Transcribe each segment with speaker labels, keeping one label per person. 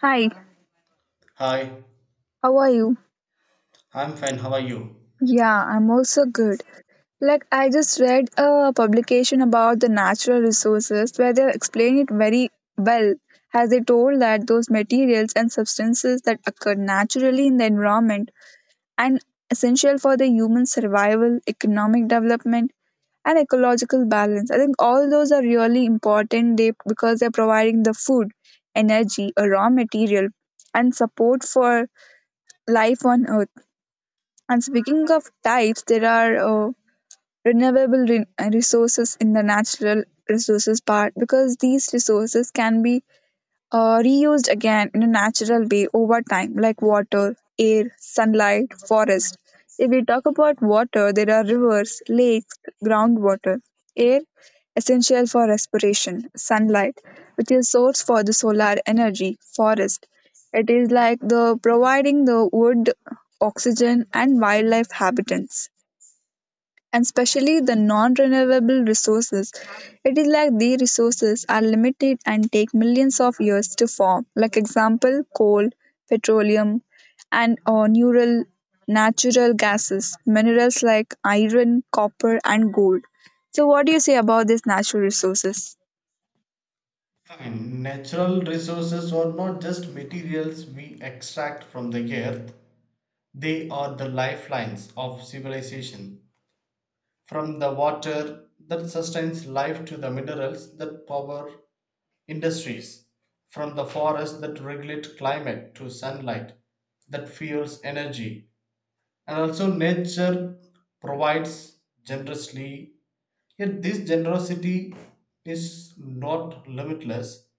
Speaker 1: Hi,
Speaker 2: Hi,
Speaker 1: how are you?
Speaker 2: I'm fine. How are you?
Speaker 1: Yeah, I'm also good. Like, I just read a publication about the natural resources where they explain it very well, as they told that those materials and substances that occur naturally in the environment and essential for the human survival, economic development, and ecological balance. I think all those are really important because they're providing the food, energy, a raw material, and support for life on Earth. And speaking of types, there are renewable resources in the natural resources part because these resources can be reused again in a natural way over time, like water, air, sunlight, forest. If we talk about water, there are rivers, lakes, groundwater, air, essential for respiration, sunlight, which is source for the solar energy, forest. It is like the providing the wood, oxygen, and wildlife habitats and especially the non-renewable resources. It is like these resources are limited and take millions of years to form. Like example, coal, petroleum, and neural natural gases, minerals like iron, copper, and gold. So, what do you say about these natural resources?
Speaker 2: Fine. Natural resources are not just materials we extract from the earth, they are the lifelines of civilization. From the water that sustains life to the minerals that power industries, from the forests that regulate climate to sunlight that fuels energy. And also, nature provides generously. Yet this generosity is not limitless.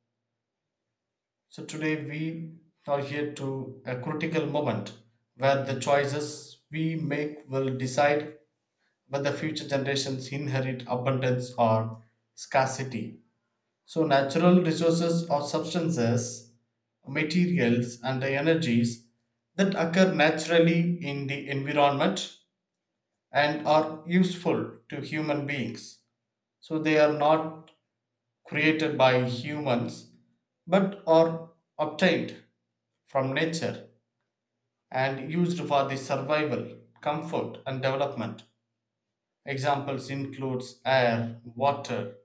Speaker 2: So today we are here to a critical moment where the choices we make will decide whether future generations inherit abundance or scarcity. So natural resources or substances, materials and the energies that occur naturally in the environment and are useful to human beings. So they are not created by humans but are obtained from nature and used for the survival, comfort and development. Examples includes air, water,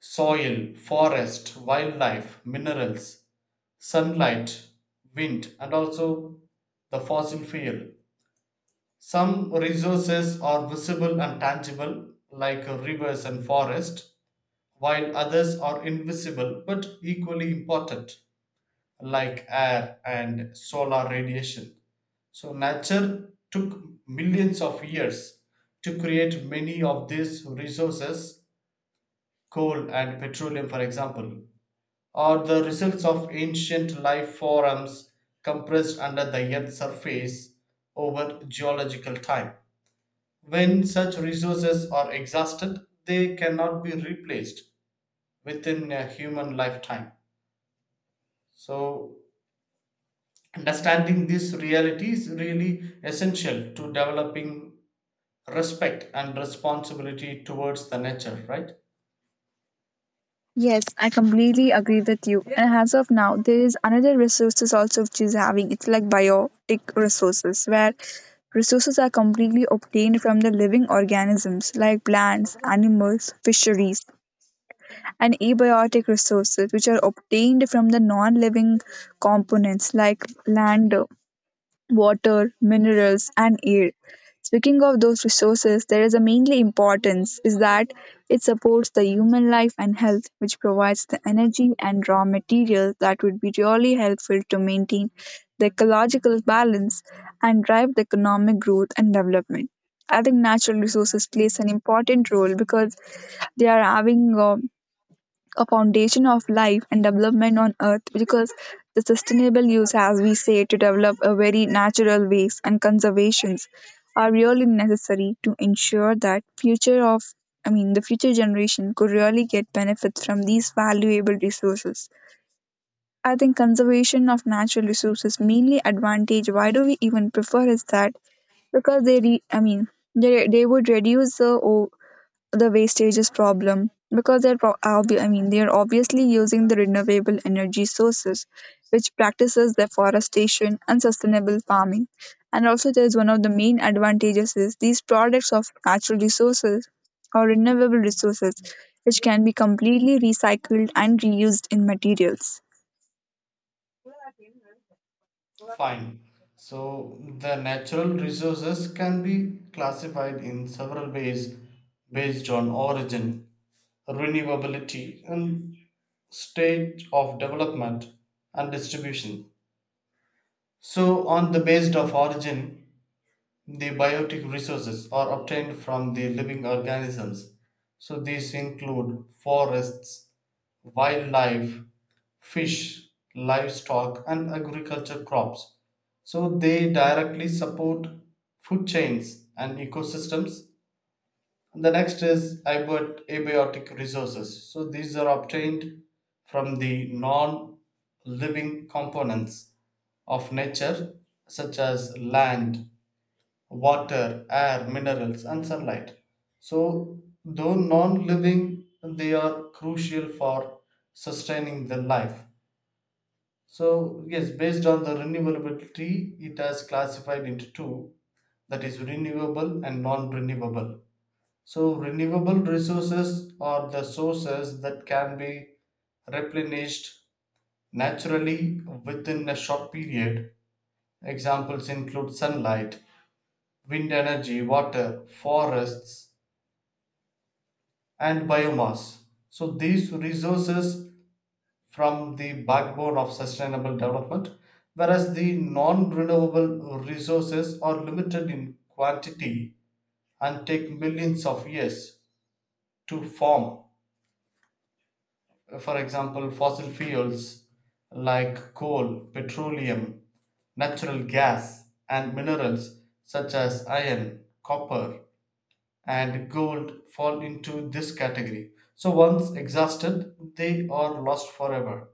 Speaker 2: soil, forest, wildlife, minerals, sunlight, wind and also the fossil fuel. Some resources are visible and tangible like rivers and forest, while others are invisible but equally important like air and solar radiation. So, nature took millions of years to create many of these resources. Coal and petroleum, for example, are the results of ancient life forms compressed under the Earth's surface over geological time. When such resources are exhausted, they cannot be replaced within a human lifetime. So, understanding this reality is really essential to developing respect and responsibility towards the nature, right?
Speaker 1: Yes, I completely agree with you. And as of now, there is another resources also which is having it's like biotic resources where resources are completely obtained from the living organisms like plants, animals, fisheries, and abiotic resources which are obtained from the non-living components like land, water, minerals, and air. Speaking of those resources, there is a mainly importance is that it supports the human life and health, which provides the energy and raw materials that would be really helpful to maintain the ecological balance and drive the economic growth and development. I think natural resources plays an important role because they are having a foundation of life and development on earth because the sustainable use as we say to develop a very natural ways and conservations are really necessary to ensure that future of I mean the future generation could really get benefits from these valuable resources. I think conservation of natural resources mainly advantage why do we even prefer is that because I mean they would reduce the the wastages problem because I mean they are obviously using the renewable energy sources, which practices deforestation and sustainable farming. And also, there's one of the main advantages is these products of natural resources or renewable resources, which can be completely recycled and reused in materials.
Speaker 2: Fine. So, the natural resources can be classified in several ways based on origin, renewability, and stage of development and distribution. So, on the basis of origin, the biotic resources are obtained from the living organisms. So these include forests, wildlife, fish, livestock, and agriculture crops. So they directly support food chains and ecosystems. The next is abiotic resources. So these are obtained from the non living components of nature, such as land, water, air, minerals, and sunlight. So, though non living, they are crucial for sustaining the life. So, yes, based on the renewability, it has classified into two, that is, renewable and non renewable. So, renewable resources are the sources that can be replenished naturally within a short period. Examples include sunlight, wind energy, water, forests, and biomass. So these resources from the backbone of sustainable development, whereas the non-renewable resources are limited in quantity and take millions of years to form. For example, fossil fuels like coal, petroleum, natural gas, and minerals such as iron, copper, and gold fall into this category. So once exhausted, they are lost forever.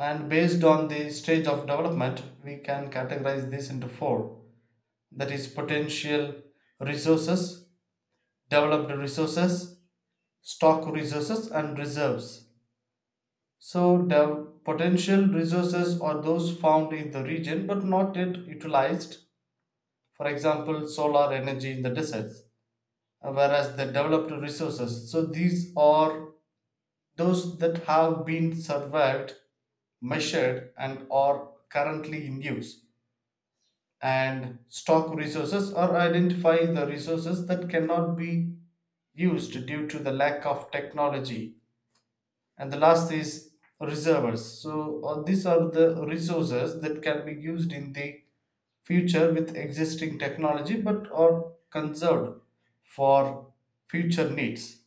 Speaker 2: And based on the stage of development, we can categorize this into four, that is, potential resources, developed resources, stock resources, and reserves. So, the potential resources are those found in the region but not yet utilized, for example, solar energy in the deserts, whereas the developed resources. So, these are those that have been surveyed, measured, and are currently in use, and stock resources or identify the resources that cannot be used due to the lack of technology. And the last is reserves. So, these are the resources that can be used in the future with existing technology but are conserved for future needs.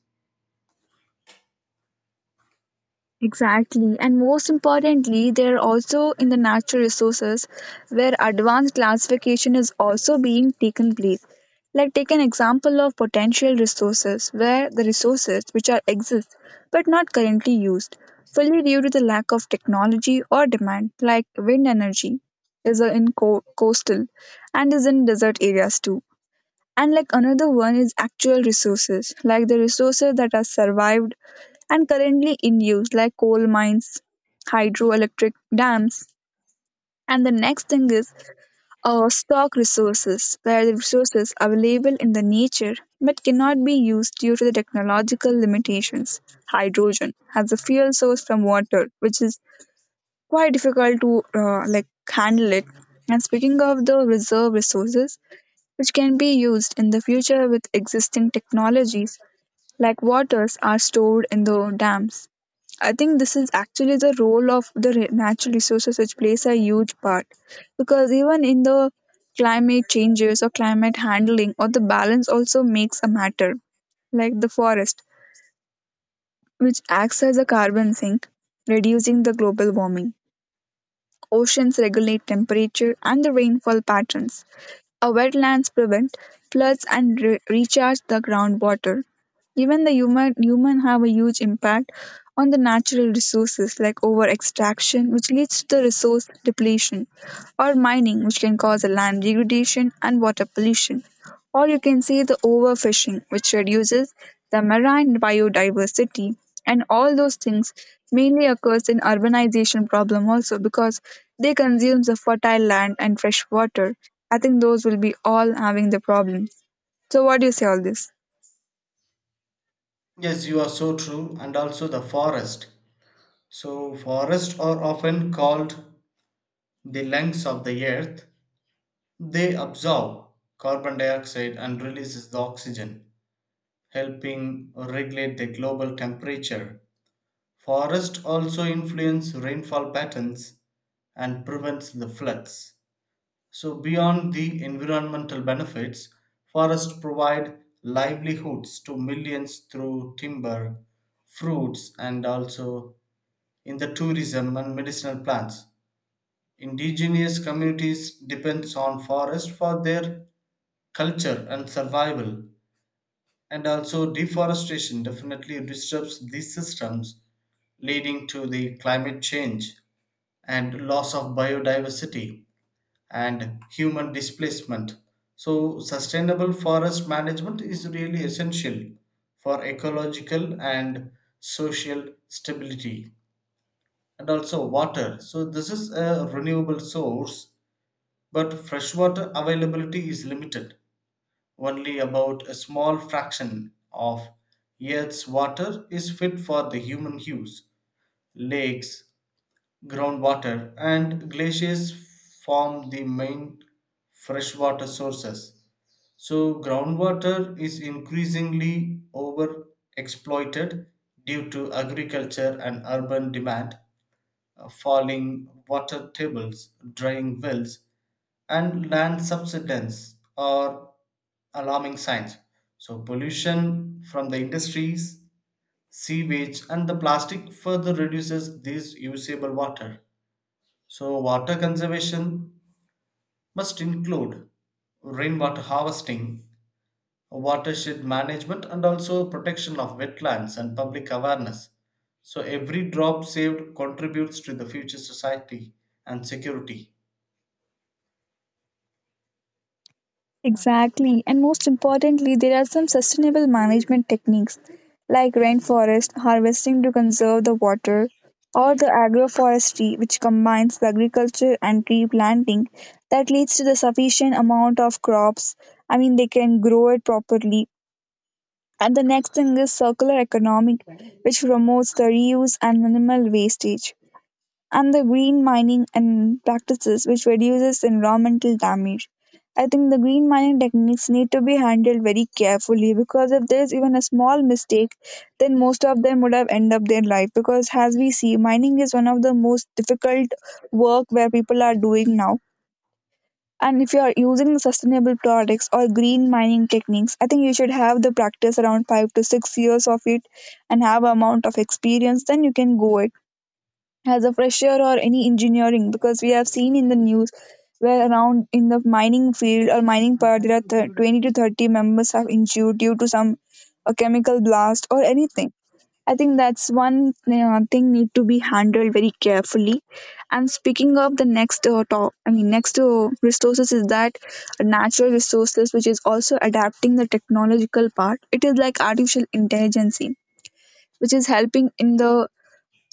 Speaker 1: Exactly. And most importantly, they're also in the natural resources where advanced classification is also being taken place. Like take an example of potential resources where the resources which are exist but not currently used fully due to the lack of technology or demand like wind energy is in coastal and is in desert areas too. And like another one is actual resources like the resources that are survived and currently in use, like coal mines, hydroelectric dams. And the next thing is stock resources, where the resources available in the nature but cannot be used due to the technological limitations. Hydrogen as a fuel source from water, which is quite difficult to like handle it. And speaking of the reserve resources, which can be used in the future with existing technologies, like waters are stored in the dams. I think this is actually the role of the natural resources, which plays a huge part. Because even in the climate changes or climate handling, or the balance also makes a matter, like the forest, which acts as a carbon sink, reducing the global warming. Oceans regulate temperature and the rainfall patterns. Our wetlands prevent floods and recharge the groundwater. Even the human have a huge impact on the natural resources like over extraction, which leads to the resource depletion, or mining, which can cause the land degradation and water pollution. Or you can say the overfishing, which reduces the marine biodiversity, and all those things mainly occurs in urbanization problem also because they consumes the fertile land and fresh water. I think those will be all having the problem. So what do you say all this?
Speaker 2: Yes, you are so true, and also the forest. So, forests are often called the lungs of the earth. They absorb carbon dioxide and releases the oxygen, helping regulate the global temperature. Forests also influence rainfall patterns and prevents the floods. So, beyond the environmental benefits, forests provide livelihoods to millions through timber, fruits, and also in the tourism and medicinal plants. Indigenous communities depends on forest for their culture and survival, and also deforestation definitely disrupts these systems, leading to the climate change and loss of biodiversity and human displacement. So sustainable forest management is really essential for ecological and social stability. And also water, so this is a renewable source, but freshwater availability is limited. Only about a small fraction of Earth's water is fit for the human use. Lakes, groundwater, and glaciers form the main freshwater sources. So, groundwater is increasingly overexploited due to agriculture and urban demand. Falling water tables, drying wells, and land subsidence are alarming signs. So, pollution from the industries, sewage, and the plastic further reduces this usable water. So, water conservation must include rainwater harvesting, watershed management, and also protection of wetlands and public awareness. So, every drop saved contributes to the future society and security.
Speaker 1: Exactly. And most importantly, there are some sustainable management techniques like rainforest harvesting to conserve the water or the agroforestry, which combines the agriculture and tree planting that leads to the sufficient amount of crops. I mean, they can grow it properly. And the next thing is circular economic, which promotes the reuse and minimal wastage and the green mining and practices which reduces environmental damage. I think the green mining techniques need to be handled very carefully because if there's even a small mistake, then most of them would have end up their life. Because as we see, mining is one of the most difficult work where people are doing now. And if you are using sustainable products or green mining techniques, I think you should have the practice around 5 to 6 years of it and have amount of experience, then you can go as a fresher or any engineering because we have seen in the news where around in the mining field or mining part there are 20 to 30 members have injured due to some a chemical blast or anything. I think that's one thing need to be handled very carefully. And speaking of the next top I mean next resources is that natural resources which is also adapting the technological part. It is like artificial intelligence which is helping in the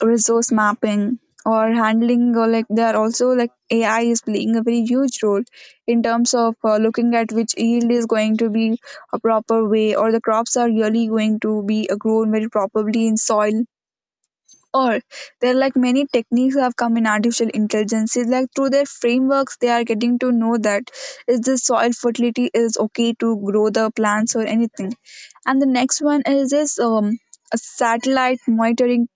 Speaker 1: resource mapping or handling or like they are also like ai is playing a very huge role in terms of looking at which yield is going to be a proper way or the crops are really going to be grown very properly in soil or there are like many techniques have come in artificial intelligence. It's like through their frameworks they are getting to know that is the soil fertility is okay to grow the plants or anything. And the next one is this a satellite monitoring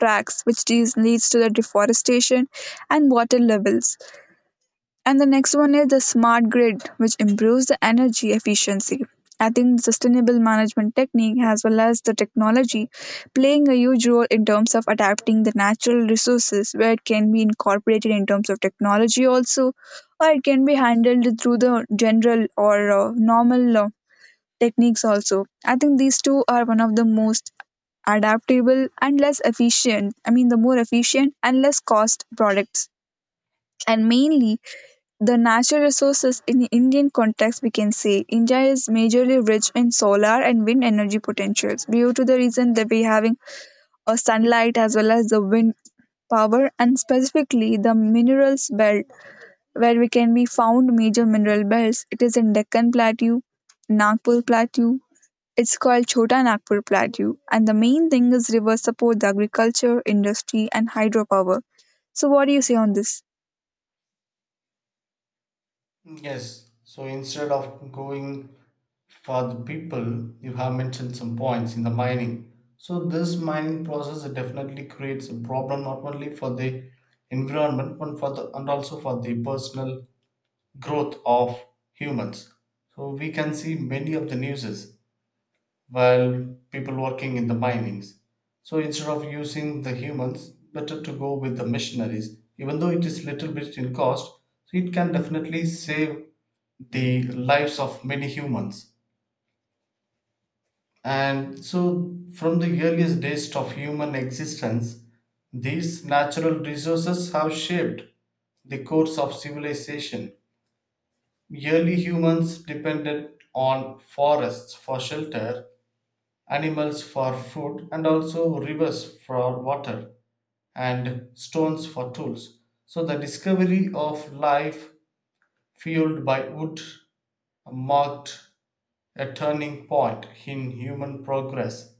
Speaker 1: tracks, which these leads to the deforestation and water levels. And the next one is the smart grid, which improves the energy efficiency. I think sustainable management technique as well as the technology playing a huge role in terms of adapting the natural resources where it can be incorporated in terms of technology also or it can be handled through the general or normal techniques also. I think these two are one of the most adaptable, and less efficient. I mean, the more efficient and less cost products. And mainly the natural resources in the Indian context, we can say India is majorly rich in solar and wind energy potentials due to the reason that we having a sunlight as well as the wind power and specifically the minerals belt where we can be found major mineral belts. It is in Deccan Plateau, Nagpur Plateau, it's called Chota Nagpur Plateau, and the main thing is rivers support the agriculture, industry, and hydropower. So, what do you say on this?
Speaker 2: Yes. So instead of going for the people, you have mentioned some points in the mining. So this mining process definitely creates a problem not only for the environment but for the and also for the personal growth of humans. So we can see many of the newses while people working in the minings. So instead of using the humans, better to go with the missionaries. Even though it is little bit in cost, so it can definitely save the lives of many humans. And so, from the earliest days of human existence, these natural resources have shaped the course of civilization. Early humans depended on forests for shelter, animals for food, and also rivers for water, and stones for tools. So, the discovery of life fueled by wood marked a turning point in human progress.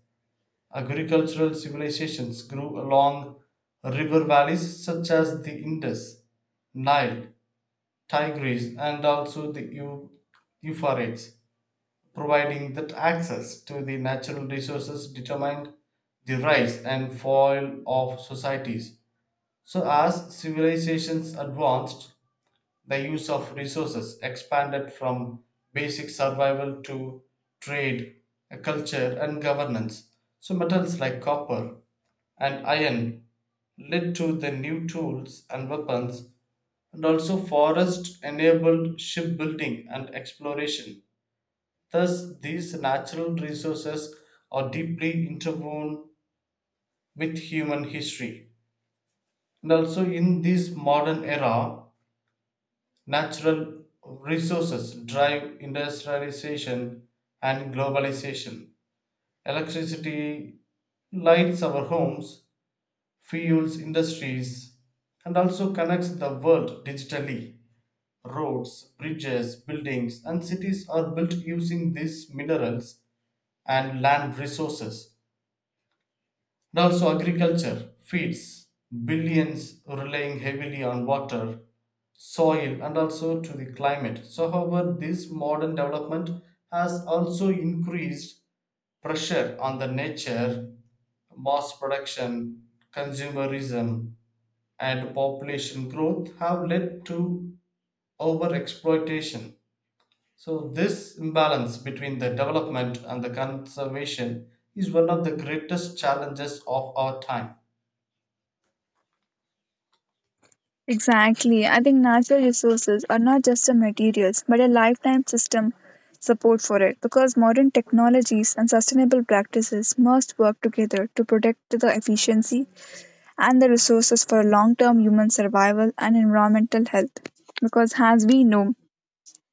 Speaker 2: Agricultural civilizations grew along river valleys such as the Indus, Nile, Tigris, and also the Euphrates, providing that access to the natural resources determined the rise and fall of societies. So, as civilizations advanced, the use of resources expanded from basic survival to trade, culture, and governance. So, metals like copper and iron led to the new tools and weapons, and also forest enabled shipbuilding and exploration. Thus, these natural resources are deeply interwoven with human history. And also, in this modern era, natural resources drive industrialization and globalization. Electricity lights our homes, fuels industries, and also connects the world digitally. Roads, bridges, buildings, and cities are built using these minerals and land resources. And also, agriculture feeds billions, relying heavily on water, soil, and also to the climate. So, however, this modern development has also increased pressure on the nature. Mass production, consumerism, and population growth have led to overexploitation. So, this imbalance between the development and the conservation is one of the greatest challenges of our time.
Speaker 1: Exactly. I think natural resources are not just the materials, but a lifetime system support for it because modern technologies and sustainable practices must work together to protect the efficiency and the resources for long term human survival and environmental health. Because, as we know,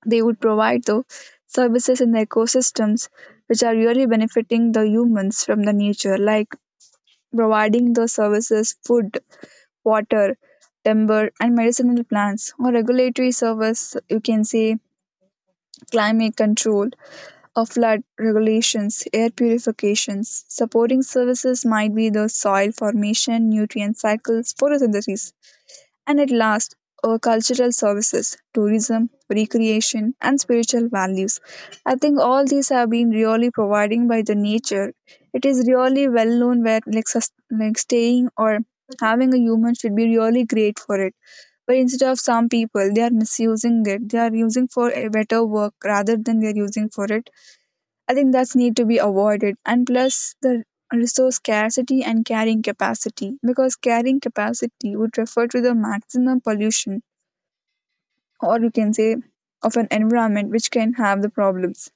Speaker 1: they would provide the services in the ecosystems which are really benefiting the humans from the nature, like providing the services, food, water, timber, and medicinal plants, or regulatory service, you can say climate control, or flood regulations, air purifications. Supporting services might be the soil formation, nutrient cycles, photosynthesis. And at last, our cultural services, tourism, recreation, and spiritual values. I think all these have been really providing by the nature. It is really well known where like, like staying or having a human should be really great for it. But instead of some people, they are misusing it. They are using for a better work rather than they are using for it. I think that's need to be avoided. And plus the resource scarcity and carrying capacity because carrying capacity would refer to the maximum pollution or you can say of an environment which can have the problems.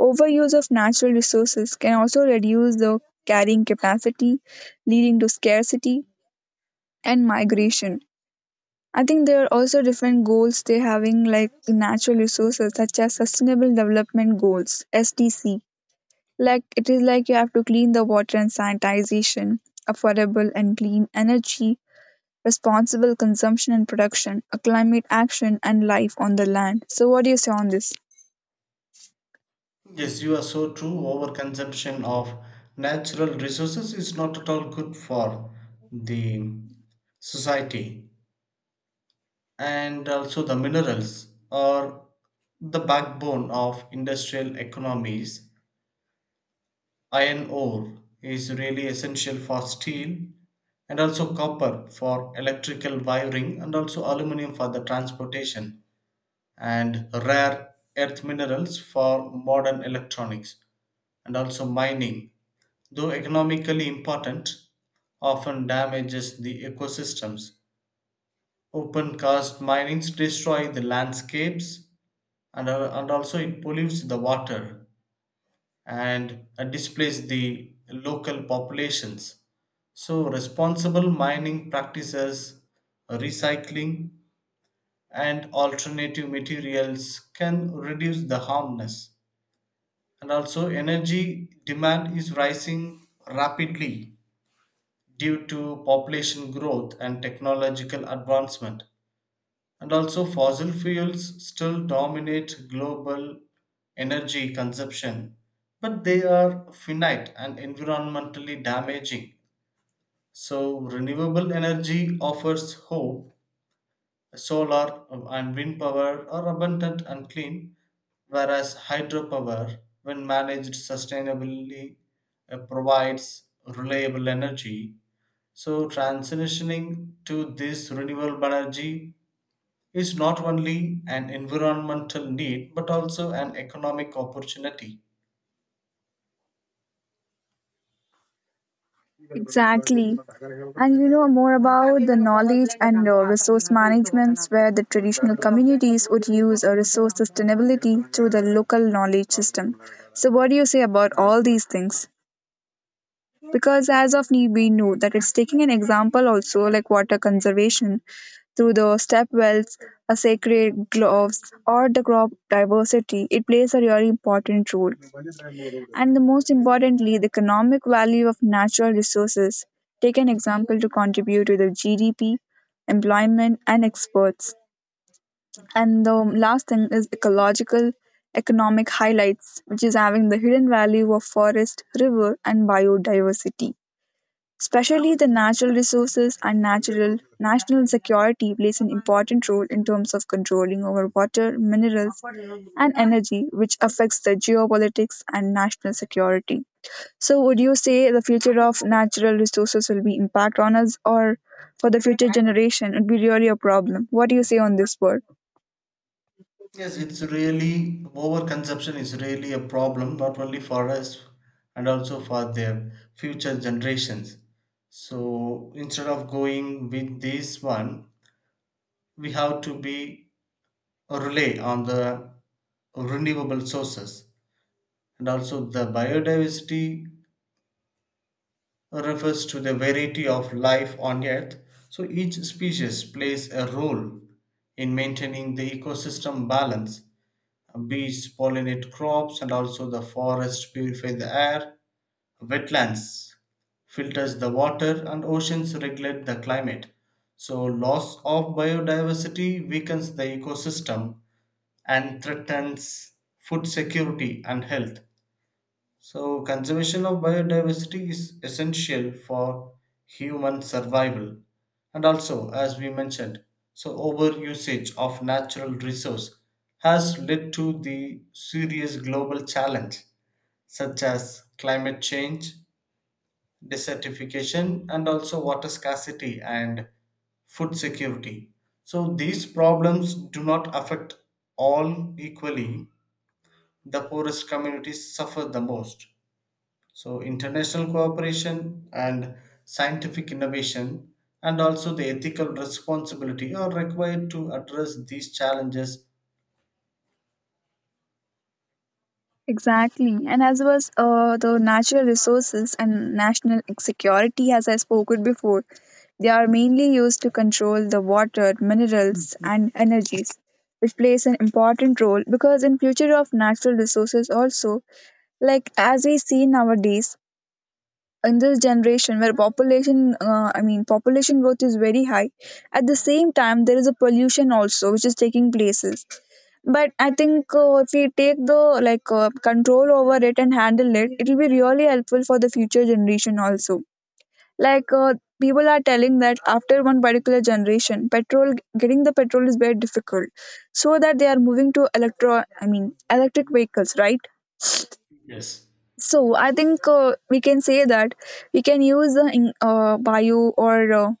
Speaker 1: Overuse of natural resources can also reduce the carrying capacity, leading to scarcity and migration. I think there are also different goals they're having, like natural resources, such as Sustainable Development Goals (SDC), like it is like you have to clean the water and sanitization, affordable and clean energy, responsible consumption and production, a climate action and life on the land. So what do you say on this?
Speaker 2: Yes, you are so true. Overconsumption of natural resources is not at all good for the society. And also, the minerals are the backbone of industrial economies. Iron ore is really essential for steel, and also copper for electrical wiring, and also aluminum for the transportation, and rare earth minerals for modern electronics, and also mining, though economically important, often damages the ecosystems. Open cast minings destroy the landscapes and also it pollutes the water and displaces the local populations. So, responsible mining practices, recycling, and alternative materials can reduce the harmness. And also, energy demand is rising rapidly due to population growth and technological advancement. And also, fossil fuels still dominate global energy consumption, but they are finite and environmentally damaging. So, renewable energy offers hope. Solar and wind power are abundant and clean, whereas hydropower, when managed sustainably, provides reliable energy. So, transitioning to this renewable energy is not only an environmental need but also an economic opportunity.
Speaker 1: Exactly. And you know more about the knowledge and resource managements where the traditional communities would use a resource sustainability through the local knowledge system. So what do you say about all these things? Because as of now we know that it's taking an example also like water conservation through the step wells, a sacred gloves, or the crop diversity, it plays a really important role. And the most importantly, the economic value of natural resources, take an example to contribute to the GDP, employment and exports. And the last thing is ecological economic highlights, which is having the hidden value of forest, river and biodiversity. Especially the natural resources and natural national security plays an important role in terms of controlling over water, minerals, and energy, which affects the geopolitics and national security. So, would you say the future of natural resources will be impact on us, or for the future generation, it would be really a problem? What do you say on this word?
Speaker 2: Yes, it's really overconsumption is really a problem not only for us and also for their future generations. So, instead of going with this one, we have to be rely on the renewable sources. And also the biodiversity refers to the variety of life on earth. So each species plays a role in maintaining the ecosystem balance. Bees pollinate crops and also the forest purify the air. Wetlands filters the water and oceans regulate the climate. So loss of biodiversity weakens the ecosystem and threatens food security and health. So, conservation of biodiversity is essential for human survival. And also, as we mentioned, so overusage of natural resource has led to the serious global challenge such as climate change, desertification, and also water scarcity and food security. So these problems do not affect all equally. The poorest communities suffer the most. So, international cooperation and scientific innovation, and also the ethical responsibility, are required to address these challenges.
Speaker 1: Exactly. And as was the natural resources and national security, as I spoke it before, they are mainly used to control the water, minerals, and energies, which plays an important role because in future of natural resources also, like as we see nowadays, in this generation where population I mean population growth is very high. At the same time there is a pollution also which is taking places. But I think if we take the control over it and handle it, it will be really helpful for the future generation also. like uh, People are telling that after one particular generation petrol, getting the petrol is very difficult, so that they are moving to electro I mean electric vehicles, right?
Speaker 2: Yes.
Speaker 1: So I think we can say that we can use the bio or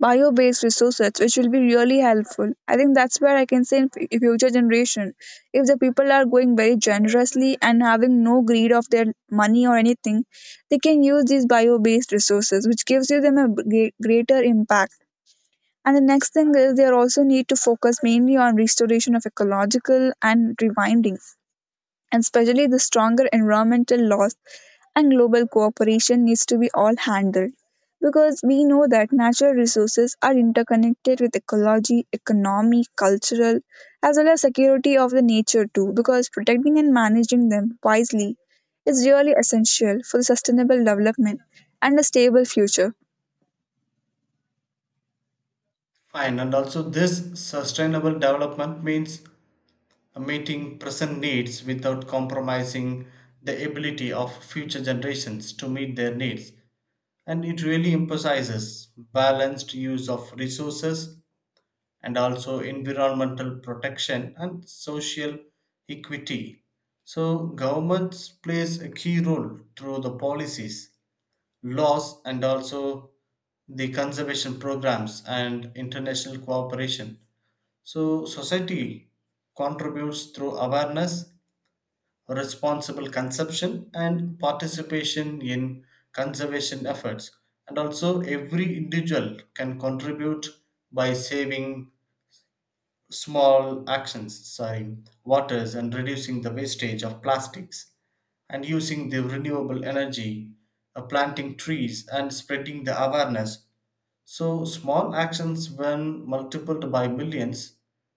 Speaker 1: bio-based resources, which will be really helpful. I think that's where I can say in future generation, if the people are going very generously and having no greed of their money or anything, they can use these bio-based resources, which gives you them a greater impact. And the next thing is they also need to focus mainly on restoration of ecological and rewinding, and especially the stronger environmental laws and global cooperation needs to be all handled, because we know that natural resources are interconnected with ecology, economy, cultural, as well as security of the nature too, because protecting and managing them wisely is really essential for sustainable development and a stable future.
Speaker 2: Fine, and also this sustainable development means meeting present needs without compromising the ability of future generations to meet their needs. And it really emphasizes balanced use of resources and also environmental protection and social equity. So governments plays a key role through the policies, laws and also the conservation programs and international cooperation. So society contributes through awareness, responsible consumption and participation in conservation efforts. And also every individual can contribute by saving small actions, sorry, waters, and reducing the wastage of plastics and using the renewable energy, planting trees and spreading the awareness. So small actions, when multiplied by millions,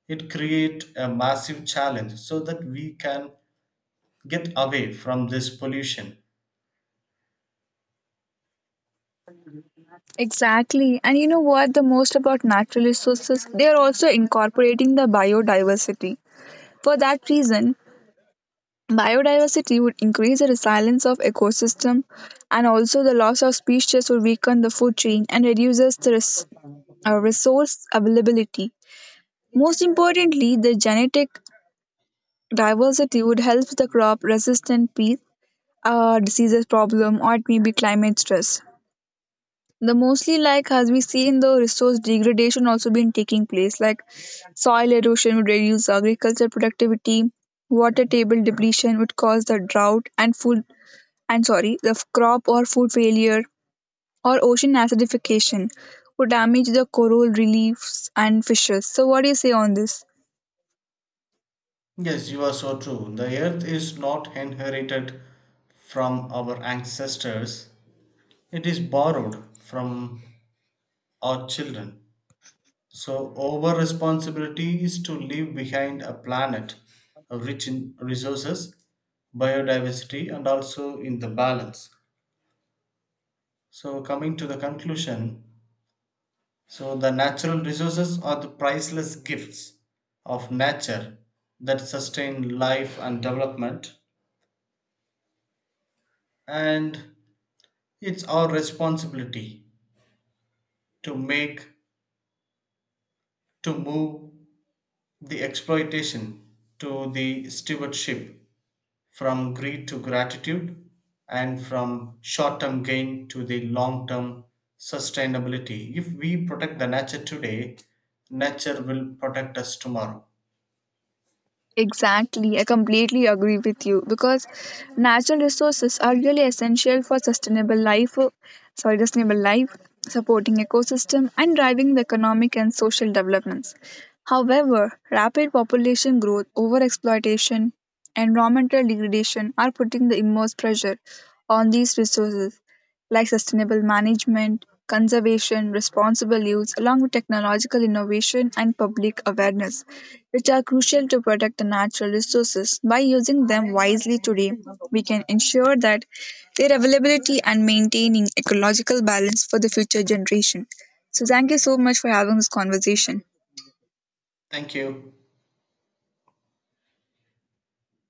Speaker 2: it create a massive challenge so that we can get away from this pollution.
Speaker 1: Exactly. And you know what, the most about natural resources, they are also incorporating the biodiversity. For that reason, biodiversity would increase the resilience of ecosystem, and also the loss of species would weaken the food chain and reduces the resource availability. Most importantly, the genetic diversity would help the crop resistant pest, diseases problem, or it may be climate stress. The mostly, like as we see in the resource degradation also been taking place, like soil erosion would reduce agricultural productivity, water table depletion would cause the drought and food, and sorry, the crop or food failure, or ocean acidification would damage the coral reefs and fishes. So, what do you say on this?
Speaker 2: Yes, you are so true. The earth is not inherited from our ancestors, it is borrowed from our children. So, our responsibility is to leave behind a planet rich in resources, biodiversity, and also in the balance. So, coming to the conclusion, so the natural resources are the priceless gifts of nature that sustain life and development, and it's our responsibility to make, to move the exploitation to the stewardship, from greed to gratitude, and from short term gain to the long term sustainability. If we protect the nature today, nature will protect us tomorrow.
Speaker 1: Exactly, I completely agree with you because natural resources are really essential for sustainable life, sorry, sustainable life, supporting ecosystem and driving the economic and social developments. However, rapid population growth, overexploitation, environmental degradation are putting the immense pressure on these resources, like sustainable management, conservation, responsible use, along with technological innovation and public awareness, which are crucial to protect the natural resources. By using them wisely today, we can ensure that their availability and maintaining ecological balance for the future generation. So, thank you so much for having this conversation.
Speaker 2: Thank you.